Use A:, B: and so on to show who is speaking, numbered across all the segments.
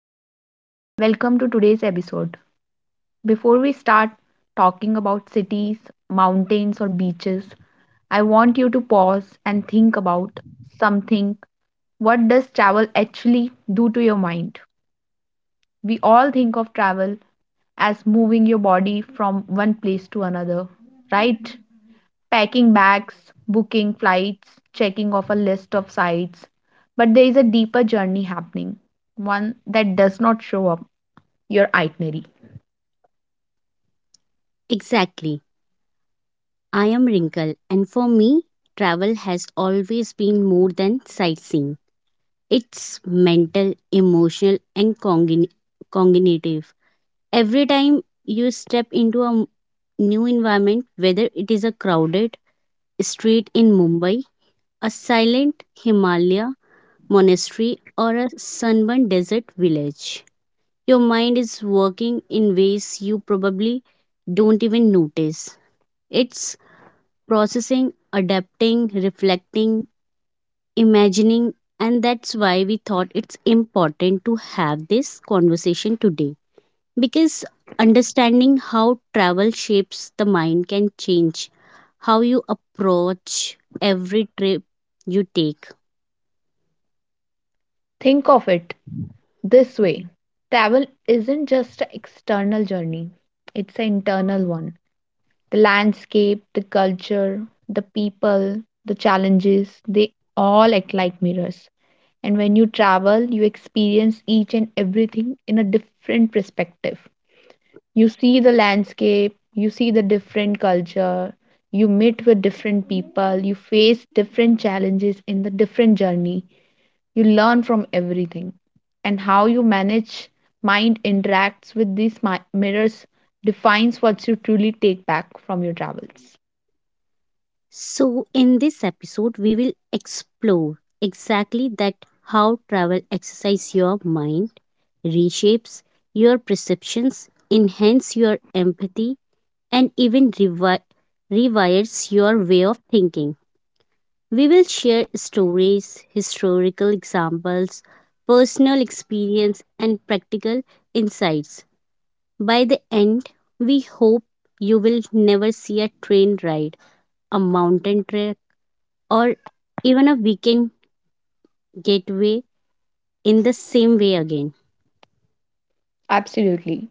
A: Ritika. Welcome to today's episode. Before we start talking about cities, mountains, or beaches, I want you to pause and think about something. What does travel actually do to your mind? We all think of travel as moving your body from one place to another, right? Packing bags, booking flights, checking off a list of sites. But there is a deeper journey happening, one that does not show up your itinerary.
B: Exactly. I am Wrinkle, and for me, travel has always been more than sightseeing. It's mental, emotional, and cognitive. Every time you step into a new environment, whether it is a crowded street in Mumbai, a silent Himalaya monastery, or a sunburned desert village, your mind is working in ways you probably don't even notice. It's processing, adapting, reflecting, imagining, and that's why we thought it's important to have this conversation today. Because understanding how travel shapes the mind can change how you approach every trip you take.
A: Think of it this way, travel isn't just an external journey, it's an internal one. The landscape, the culture, the people, the challenges, they all act like mirrors. And when you travel, you experience each and everything in a different perspective. You see the landscape, you see the different culture, you meet with different people, you face different challenges in the different journey. You learn from everything. And how you manage mind interacts with these mirrors defines what you truly take back from your travels.
B: So, in this episode, we will explore exactly that, how travel exercises your mind, reshapes your perceptions, enhance your empathy, and even rewires your way of thinking. We will share stories, historical examples, personal experience, and practical insights. By the end, we hope you will never see a train ride, a mountain trek, or even a weekend getaway in the same way again.
A: Absolutely.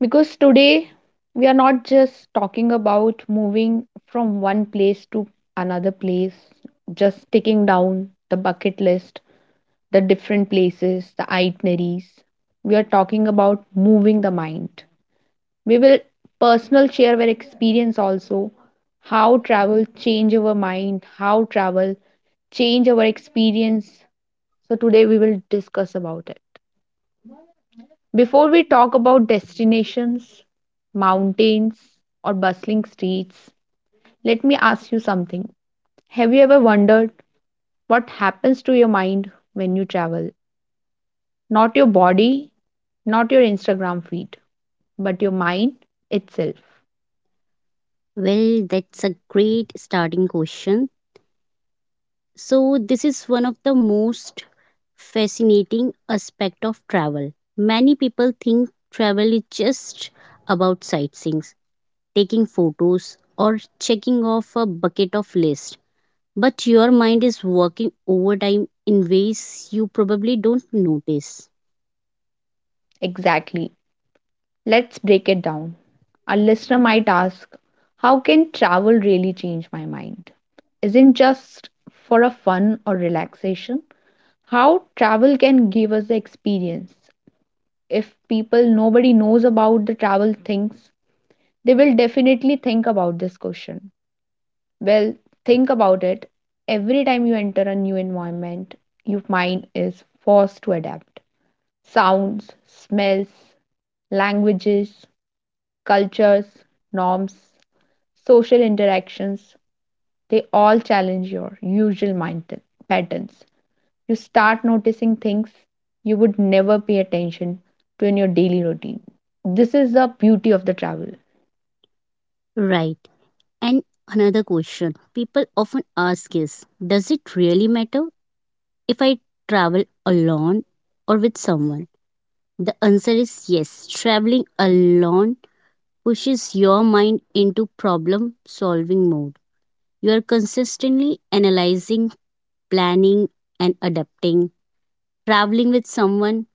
A: Because today we are not just talking about moving from one place to another place, just ticking down the bucket list, the different places, the itineraries. We are talking about moving the mind. We will personal share our experience also, how travel change our mind, how travel change our experience. So today we will discuss about it. Before we talk about destinations, mountains or bustling streets, let me ask you something. Have you ever wondered what happens to your mind when you travel? Not your body, not your Instagram feed, but your mind itself.
B: Well, that's a great starting question. So this is one of the most fascinating aspect of travel. Many people think travel is just about sightseeing, taking photos or checking off a bucket of list. But your mind is working overtime in ways you probably don't notice.
A: Exactly. Let's break it down. A listener might ask, how can travel really change my mind? Isn't just for a fun or relaxation? How travel can give us the experience. If people nobody knows about the travel things, they will definitely think about this question. Well, think about it. Every time you enter a new environment, your mind is forced to adapt. Sounds, smells, languages, cultures, norms, social interactions, they all challenge your usual patterns. You start noticing things you would never pay attention to in your daily routine. This is the beauty of the travel.
B: Right. And another question people often ask is, does it really matter if I travel alone or with someone? The answer is yes. Traveling alone pushes your mind into problem solving mode. You are consistently analyzing, planning, and adapting. Traveling with someone,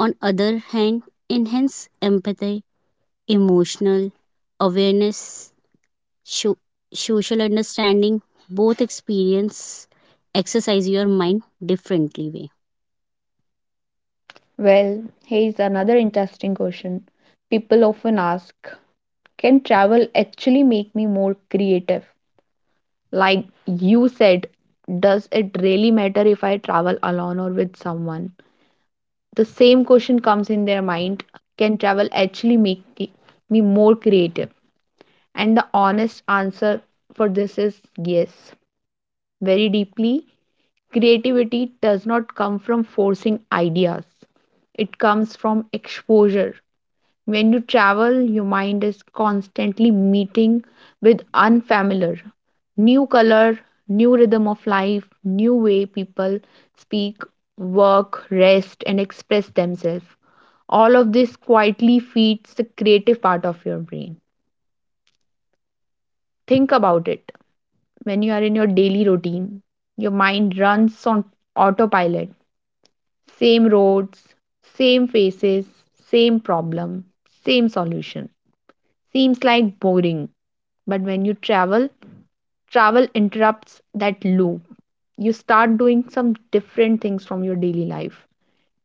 B: on other hand, enhances empathy, emotional awareness, sho- social understanding. Both experience exercise your mind differently way.
A: Well, here's another interesting question. People often ask, can travel actually make me more creative? Like you said, does it really matter if I travel alone or with someone? The same question comes in their mind, can travel actually make me more creative? And the honest answer for this is yes, very deeply. Creativity does not come from forcing ideas, it comes from exposure. When you travel, your mind is constantly meeting with unfamiliar, new color, new rhythm of life, new way people speak, work, rest and express themselves. All of this quietly feeds the creative part of your brain. Think about it. When you are in your daily routine, your mind runs on autopilot. Same roads, same faces, same problem, same solution. Seems like boring, but when you travel, travel interrupts that loop. You start doing some different things from your daily life.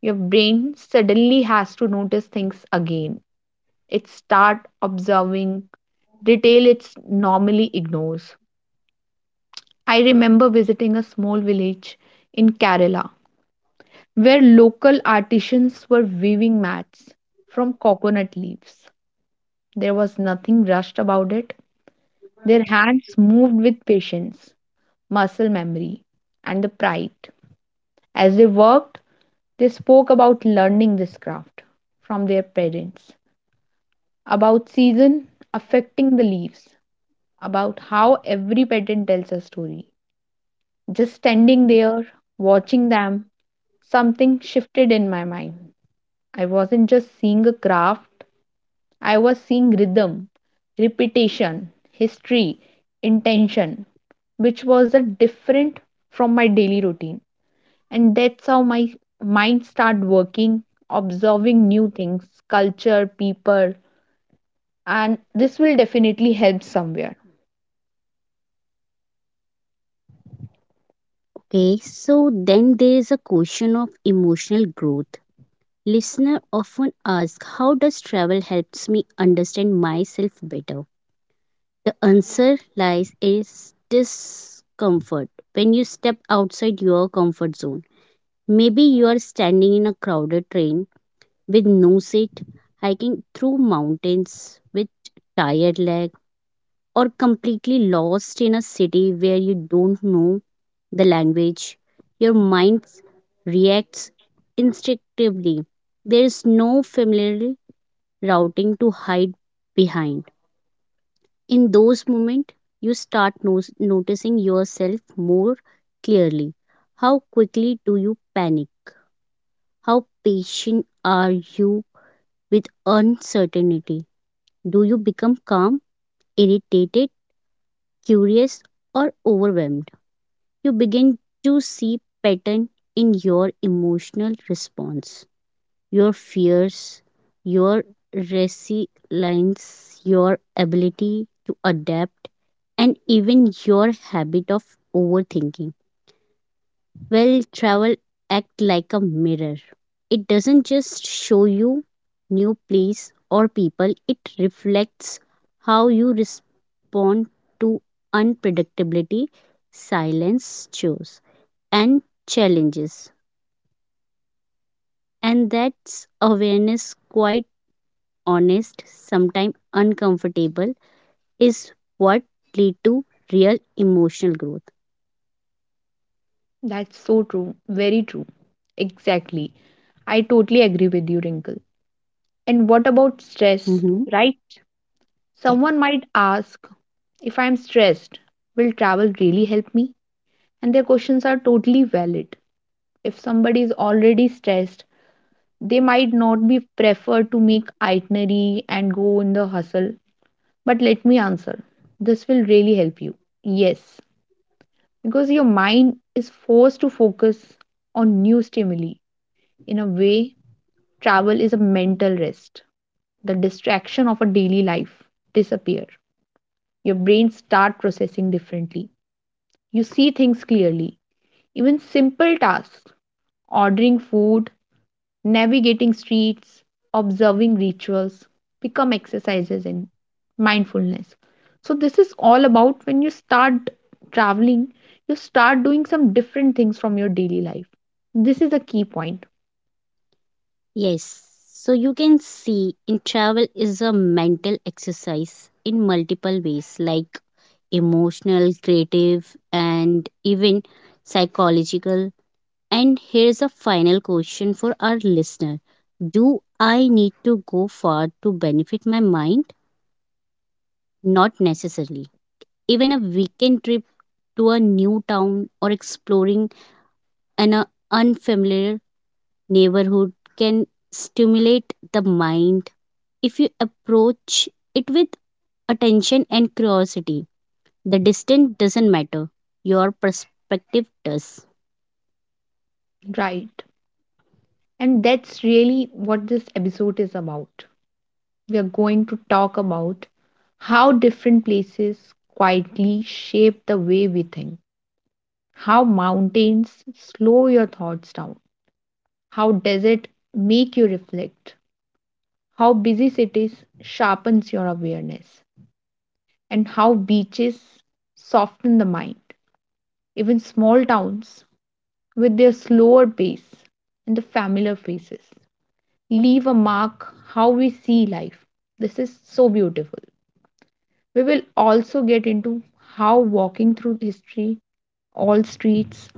A: Your brain suddenly has to notice things again, it start observing detail it normally ignores. I remember visiting a small village in Kerala where local artisans were weaving mats from coconut leaves. There was nothing rushed about it. Their hands moved with patience, muscle memory, and the pride. As they worked, they spoke about learning this craft from their parents, about season affecting the leaves, about how every pattern tells a story. Just standing there, watching them, something shifted in my mind. I wasn't just seeing a craft, I was seeing rhythm, repetition, history, intention, which was a different from my daily routine. And that's how my mind started working, observing new things, culture, people, and this will definitely help somewhere.
B: Okay, so then there is a question of emotional growth. Listener often ask, how does travel helps me understand myself better? The answer lies is discomfort. When you step outside your comfort zone, maybe you are standing in a crowded train with no seat, hiking through mountains with tired leg, or completely lost in a city where you don't know the language. Your mind reacts instinctively. There is no familiar routing to hide behind. In those moments, you start noticing yourself more clearly. How quickly do you panic? How patient are you with uncertainty? Do you become calm, irritated, curious, or overwhelmed? You begin to see pattern in your emotional response, your fears, your resilience, your ability to adapt, and even your habit of overthinking. Well, travel act like a mirror. It doesn't just show you new place or people, it reflects how you respond to unpredictability, silence, chores, and challenges. And that's awareness quite honest, sometimes uncomfortable, is what lead to real emotional growth.
A: That's so true, very true. Exactly. I totally agree with you, Wrinkle. And what about stress,
B: Mm-hmm.
A: right?
B: Yes.
A: Someone might ask, if I'm stressed, will travel really help me? And their questions are totally valid. If somebody is already stressed, they might not be prefer to make itinerary and go in the hustle. But let me answer. This will really help you. Yes, because your mind is forced to focus on new stimuli. In a way, travel is a mental rest, the distraction of a daily life disappear. Your brain start processing differently. You see things clearly. Even simple tasks, ordering food, navigating streets, observing rituals, become exercises in mindfulness. So this is all about when you start traveling, you start doing some different things from your daily life. This is a key point,
B: Yes. So you can see in travel is a mental exercise in multiple ways, like emotional, creative and even psychological. And here's a final question for our listener. Do I need to go far to benefit my mind? Not necessarily. Even a weekend trip to a new town or exploring an unfamiliar neighborhood can stimulate the mind if you approach it with attention and curiosity. The distance doesn't matter, your perspective does.
A: right? And that's really what this episode is about. We are going to talk about how different places quietly shape the way we think, how mountains slow your thoughts down, how desert make you reflect, how busy cities sharpens your awareness, and how beaches soften the mind. Even small towns with their slower pace and the familiar faces leave a mark how we see life. This is so beautiful. We will also get into how walking through history, all streets,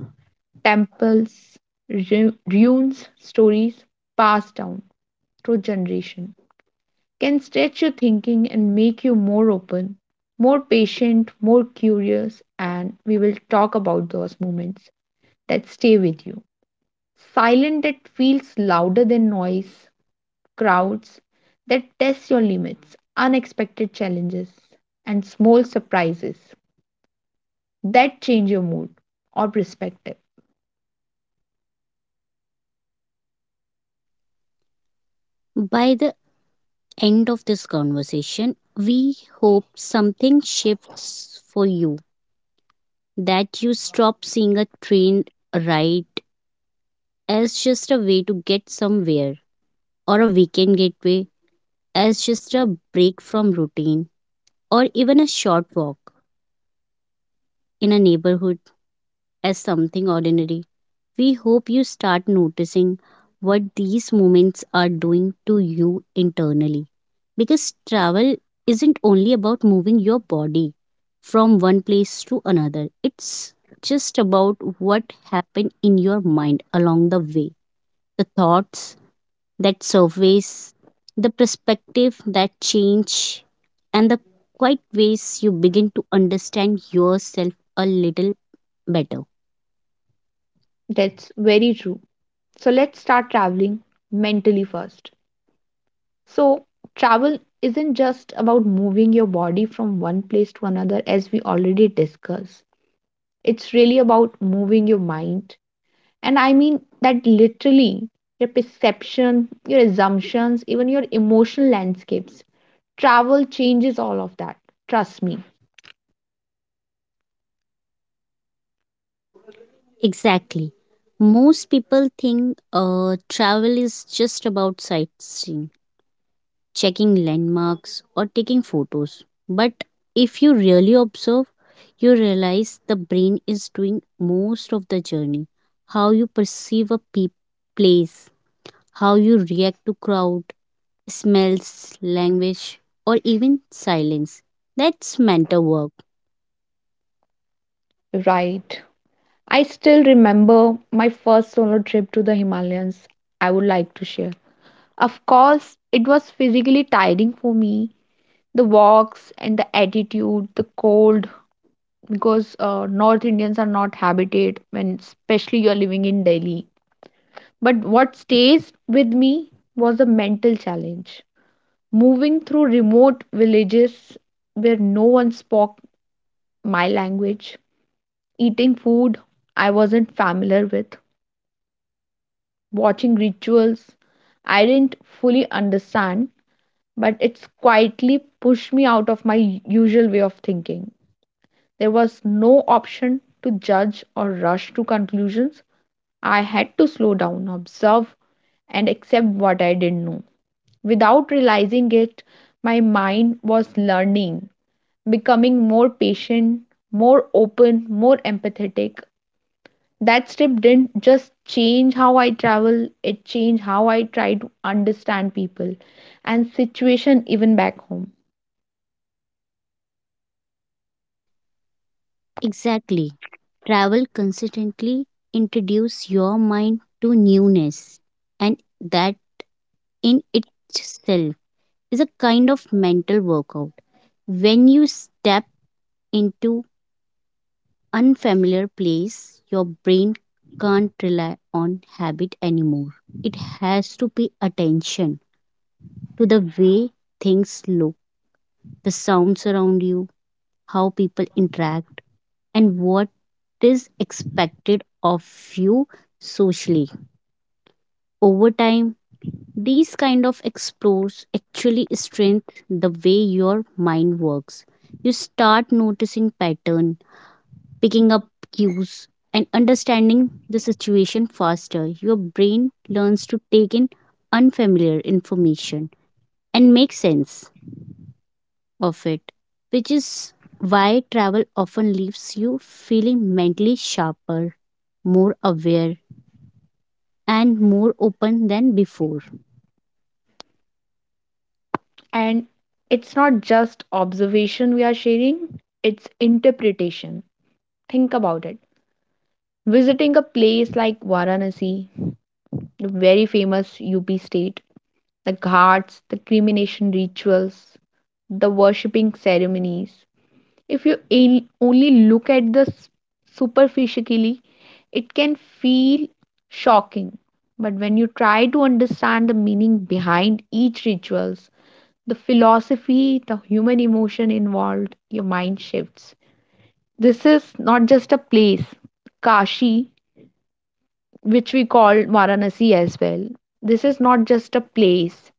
A: temples, ruins, stories passed down through generation can stretch your thinking and make you more open, more patient, more curious, and we will talk about those moments that stay with you. Silent that feels louder than noise, crowds that test your limits, unexpected challenges, and small surprises that change your mood or perspective.
B: By the end of this conversation, we hope something shifts for you, that you stop seeing a train ride as just a way to get somewhere, or a weekend getaway as just a break from routine, or even a short walk in a neighborhood as something ordinary. We hope you start noticing what these moments are doing to you internally. Because travel isn't only about moving your body from one place to another, it's just about what happened in your mind along the way, the thoughts, that surveys, the perspective that change, and the quiet ways you begin to understand yourself a little better.
A: That's very true. So let's start traveling mentally first. So, travel isn't just about moving your body from one place to another, as we already discussed. It's really about moving your mind. And I mean that literally, your perception, your assumptions, even your emotional landscapes. Travel changes all of that. Trust me.
B: Exactly. Most people think travel is just about sightseeing, checking landmarks, or taking photos. But if you really observe, you realize the brain is doing most of the journey. How you perceive a place, how you react to crowd, smells, language, or even silence. That's mental work.
A: Right. I still remember my first solo trip to the Himalayas. I would like to share. Of course, it was physically tiring for me. The walks and the attitude, the cold, because North Indians are not habited when, especially you're living in Delhi. But what stays with me was the mental challenge. Moving through remote villages where no one spoke my language, eating food I wasn't familiar with, watching rituals I didn't fully understand, but it's quietly pushed me out of my usual way of thinking. There was no option to judge or rush to conclusions. I had to slow down, observe, and accept what I didn't know. Without realizing it, my mind was learning, becoming more patient, more open, more empathetic. That trip didn't just change how I travel, it changed how I try to understand people and situation even back home.
B: Exactly. Travel consistently introduce your mind to newness, and that in itself is a kind of mental workout. When you step into unfamiliar place, your brain can't rely on habit anymore. It has to pay attention to the way things look, the sounds around you, how people interact, and what is expected of you socially. Over time, these kind of explores actually strengthen the way your mind works. You start noticing pattern, picking up cues, and understanding the situation faster. Your brain learns to take in unfamiliar information and make sense. Perfect. Which is why travel often leaves you feeling mentally sharper, more aware, and more open than before.
A: And it's not just observation we are sharing, it's interpretation. Think about it. Visiting a place like Varanasi, the very famous UP state, the ghats, the cremation rituals, the worshipping ceremonies, if you in only look at the superficially, it can feel shocking. But when you try to understand the meaning behind each rituals, the philosophy, the human emotion involved, your mind shifts. This is not just a place, Kashi, which we call Varanasi as well. This is not just a place.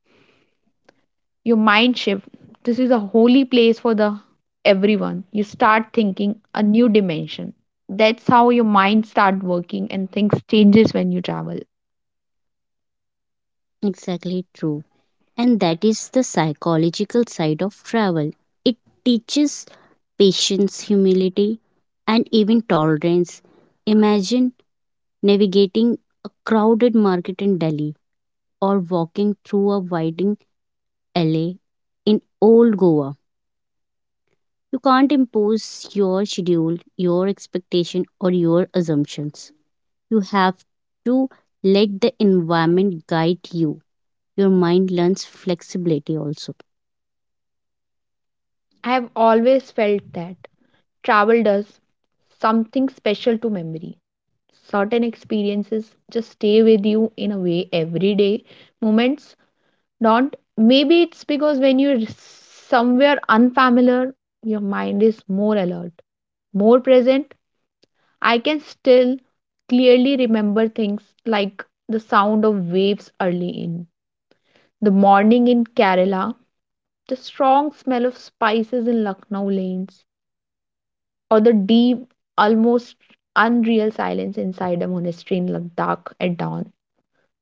A: Your mind shift. This is a holy place for the everyone. You start thinking a new dimension. That's how your mind start working and things changes when you travel.
B: Exactly true. And that is the psychological side of travel. It teaches patience, humility, and even tolerance. Imagine navigating a crowded market in Delhi or walking through a winding alley in old Goa. You can't impose your schedule, your expectation, or your assumptions. You have to let the environment guide you. Your mind learns flexibility also.
A: I have always felt that travel does something special to memory. Certain experiences just stay with you in a way everyday moments don't. Maybe it's because when you're somewhere unfamiliar, your mind is more alert, more present. I can still clearly remember things like the sound of waves early in the morning in Kerala, the strong smell of spices in Lucknow lanes, or the deep, almost unreal silence inside a monastery in Ladakh at dawn.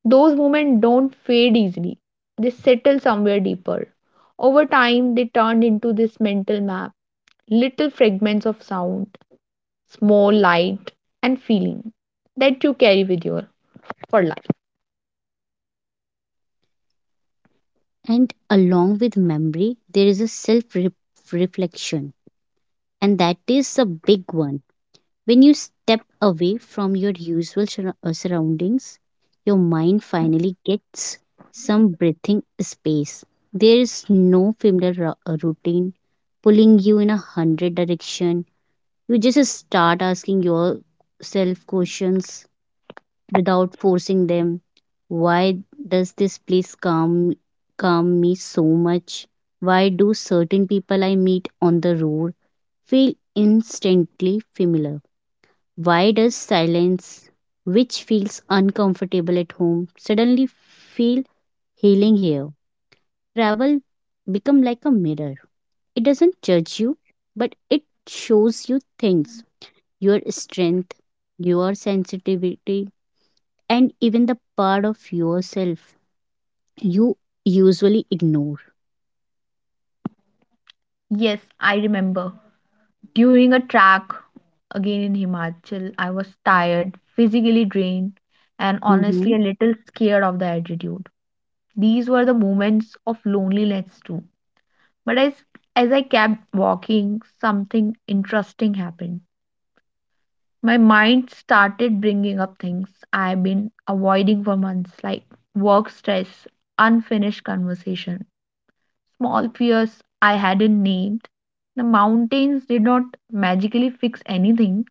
A: Those moments don't fade easily, they settle somewhere deeper. Over time, they turned into this mental map, little fragments of sound, small light, and feeling that you carry with you for life.
B: And along with memory, there is a self reflection, and that is a big one. When you step away from your usual surroundings, your mind finally gets some breathing space. There is no familiar routine pulling you in a hundred direction. You just start asking yourself questions without forcing them. Why does this place calm me so much? Why do certain people I meet on the road feel instantly familiar? Why does silence, which feels uncomfortable at home, suddenly feel healing here? Travel become like a mirror. It doesn't judge you, but it shows you things, your strength, your sensitivity, and even the part of yourself you usually ignore.
A: Yes, I remember. During a track again in Himachal, I was tired, physically drained, and honestly
B: Mhm.
A: a little scared of the altitude. These were the moments of loneliness too. But as I kept walking, something interesting happened. My mind started bringing up things I've been avoiding for months, like work stress, unfinished conversation, small fears I hadn't named. The mountains did not magically fix anything,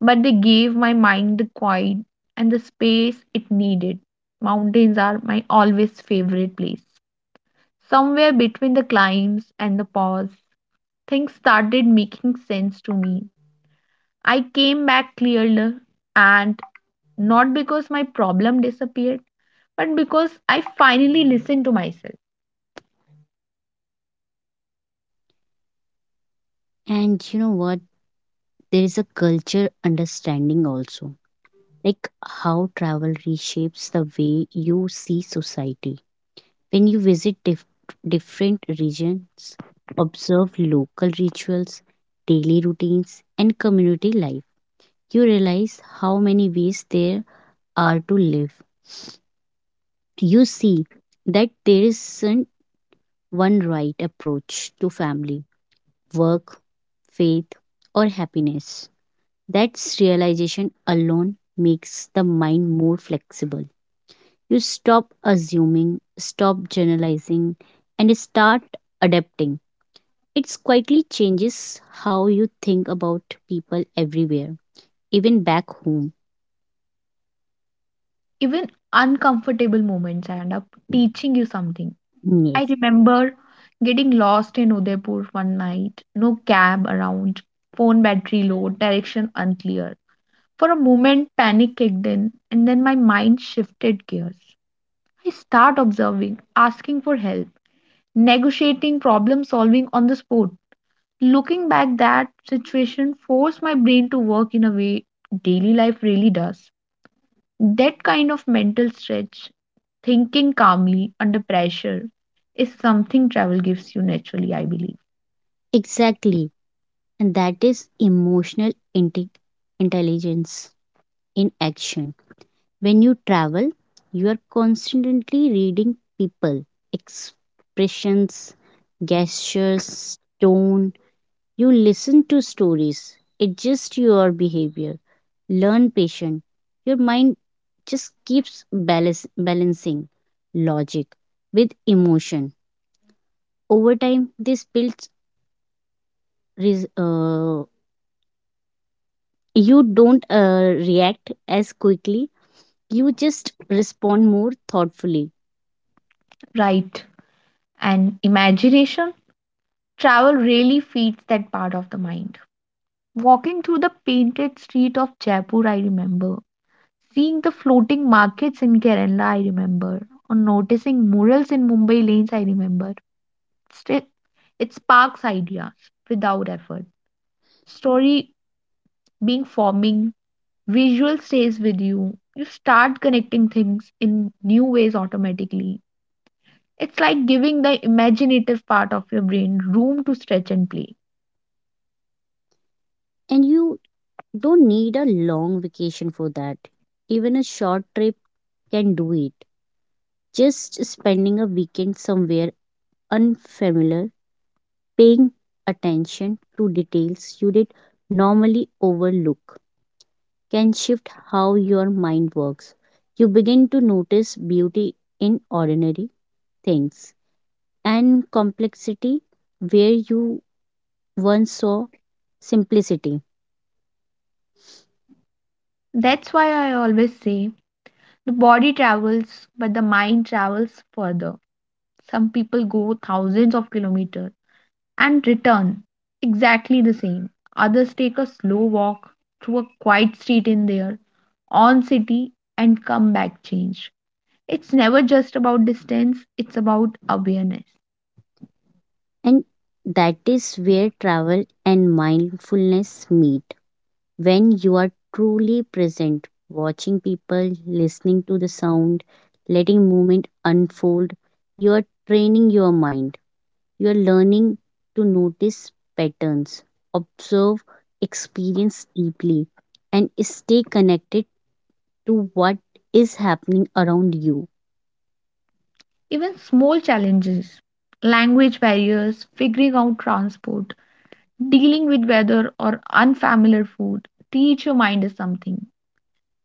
A: but they gave my mind the quiet and the space it needed. Mountains are my always favorite place. Somewhere between the climbs and the pause, things started making sense to me. I came back clearer, and not because my problem disappeared, but because I finally listened to myself.
B: And you know what? There is a culture understanding also, like how travel reshapes the way you see society. When you visit different regions, observe local rituals, daily routines, and community life, you realize how many ways there are to live. You see that there isn't one right approach to family, work, faith, or happiness. That realization alone makes the mind more flexible. You stop assuming, stop generalizing, and start adapting. It quietly changes how you think about people everywhere, even back home.
A: Even uncomfortable moments end up teaching you something.
B: Yes.
A: I remember getting lost in Udaipur one night, no cab around, phone battery low, direction unclear. For a moment, panic kicked in, and then my mind shifted gears. I start observing, asking for help, negotiating problem solving on the spot. Looking back, that situation forced my brain to work in a way daily life really does. That kind of mental stretch, thinking calmly under pressure, is something travel gives you naturally, I believe.
B: Exactly. And that is emotional intelligence in action. When you travel, you are constantly reading people, expressions, gestures, tone. You listen to stories, adjust your behavior, learn patience. Your mind just keeps balancing logic with emotion. Over time, this builds. Res- uh, you don't react as quickly. You just respond more thoughtfully,
A: Right. And imagination, travel really feeds that part of the mind. Walking through the painted street of Jaipur, I remember. Seeing the floating markets in Kerala, I remember. Or noticing murals in Mumbai lanes, I remember. Still, it sparks ideas without effort. Story being forming, visual stays with you. You start connecting things in new ways automatically. It's like giving the imaginative part of your brain room to stretch and play.
B: and you don't need a long vacation for that. Even a short trip can do it. Just spending a weekend somewhere unfamiliar, paying attention to details you did normally overlook, can shift how your mind works. You begin to notice beauty in ordinary things and complexity where you once saw simplicity.
A: That's why I always say the body travels, but the mind travels further. Some people go thousands of kilometers and return exactly the same. Others take a slow walk through a quiet street in their on city and comeback change. It's never just about distance, it's about awareness.
B: And that is where travel and mindfulness meet. When you are truly present, watching people, listening to the sound, letting movement unfold, you are training your mind. You are learning to notice patterns, observe, experience deeply, and stay connected to what is happening around you.
A: Even small challenges, language barriers, figuring out transport, dealing with weather or unfamiliar food, teach your mind something.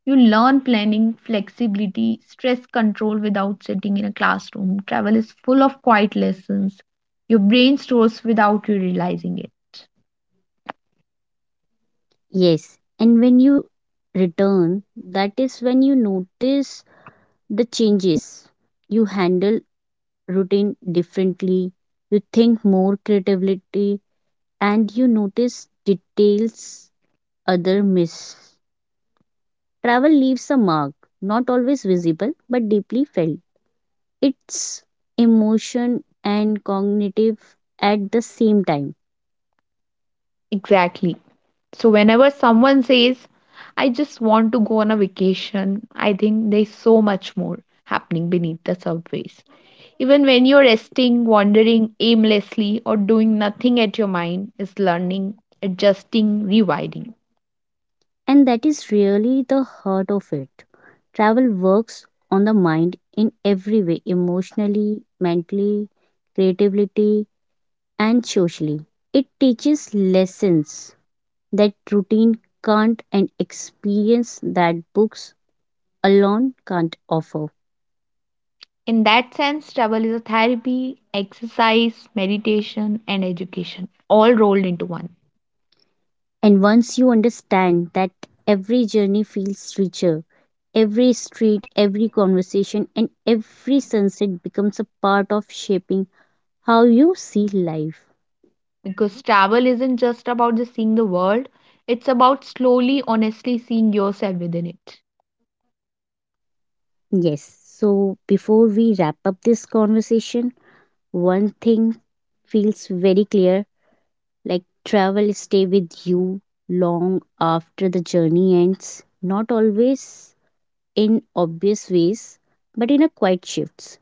A: You learn planning, flexibility, stress control without sitting in a classroom. Travel is full of quiet lessons. Your brain stores without you realizing it.
B: Yes, and when you return, that is when you notice the changes. You handle routine differently, you think more creatively, and you notice details other miss. Travel leaves a mark, not always visible but deeply felt. It's emotion and cognitive at the same time.
A: Exactly. So whenever someone says, I just want to go on a vacation, I think there's so much more happening beneath the surface. Even when you're resting, wandering aimlessly, or doing nothing at, your mind is learning, adjusting, rewiring.
B: And that is really the heart of it. Travel works on the mind in every way, emotionally, mentally, creatively, and socially. It teaches lessons that routine can't and experience that books alone can't offer.
A: In that sense, travel is a therapy, exercise, meditation, and education all rolled into one.
B: And once you understand that, every journey feels richer, every street, every conversation, and every sunset becomes a part of shaping how you see life.
A: Because travel isn't just about just seeing the world, it's about slowly, honestly seeing yourself within it.
B: Yes, so before we wrap up this conversation, one thing feels very clear, like travel stay with you long after the journey ends, not always in obvious ways, but in a quiet shifts,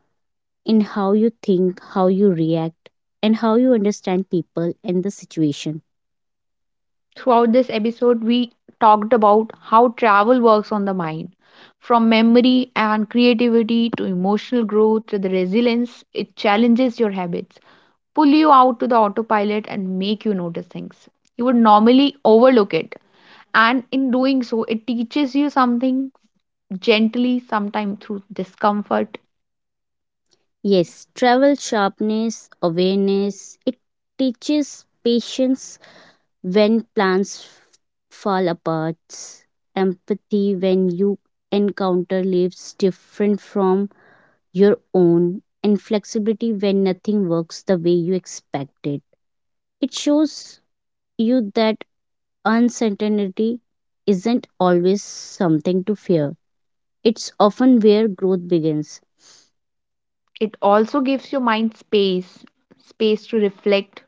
B: in how you think, how you react, and how you understand people and the situation.
A: Throughout this episode, we talked about how travel works on the mind. From memory and creativity to emotional growth to the resilience, it challenges your habits, pull you out to the autopilot, and make you notice things. You would normally overlook it. And in doing so, it teaches you something gently, sometimes through discomfort.
B: Yes, travel sharpness, awareness, it teaches patience when plans fall apart, empathy when you encounter lives different from your own, and flexibility when nothing works the way you expected. It shows you that uncertainty isn't always something to fear. It's often where growth begins.
A: It also gives your mind space, space to reflect,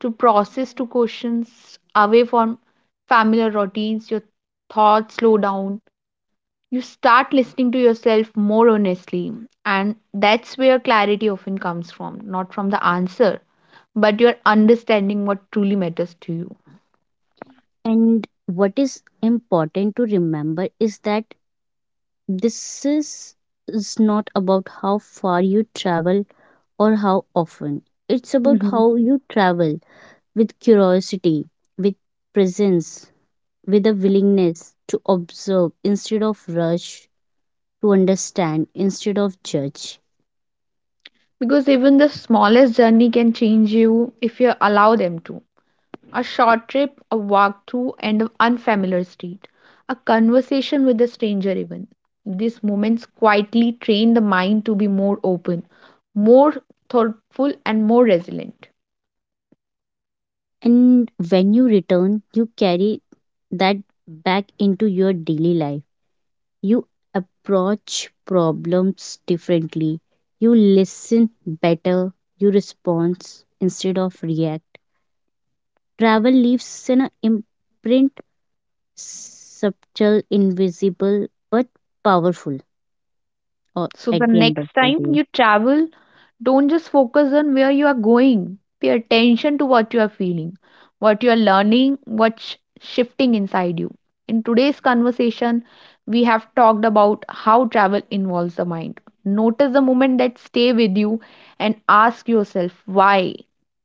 A: to process, to questions away from familiar routines. Your thoughts slow down. You start listening to yourself more honestly. And that's where clarity often comes from, not from the answer, but your understanding what truly matters to you.
B: And what is important to remember is that this is, is not about how far you travel or how often. It's about how you travel, with curiosity, with presence, with a willingness to observe instead of rush, to understand instead of judge.
A: Because even the smallest journey can change you if you allow them to. A short trip, a walk through an unfamiliar street, a conversation with a stranger, even. These moments quietly train the mind to be more open, more thoughtful, and more resilient.
B: And when you return, you carry that back into your daily life. You approach problems differently. You listen better. You respond instead of react. Travel leaves an imprint, subtle, invisible, but powerful, or
A: So, the
B: at the end of
A: next
B: the
A: time
B: day.
A: you travel, don't just focus on where you are going. Pay attention to what you are feeling, what you are learning, what's shifting inside you. In today's conversation, we have talked about how travel involves the mind. Notice the moment that stay with you and ask yourself why.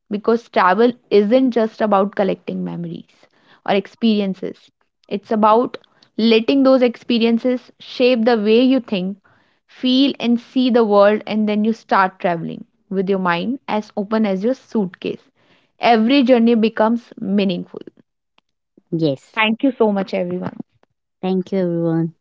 A: Because travel isn't just about collecting memories or experiences. It's about letting those experiences shape the way you think, feel and see the world, and then you start traveling with your mind as open as your suitcase, every journey becomes meaningful.
B: Yes.
A: Thank you so much everyone.
B: Thank you, everyone.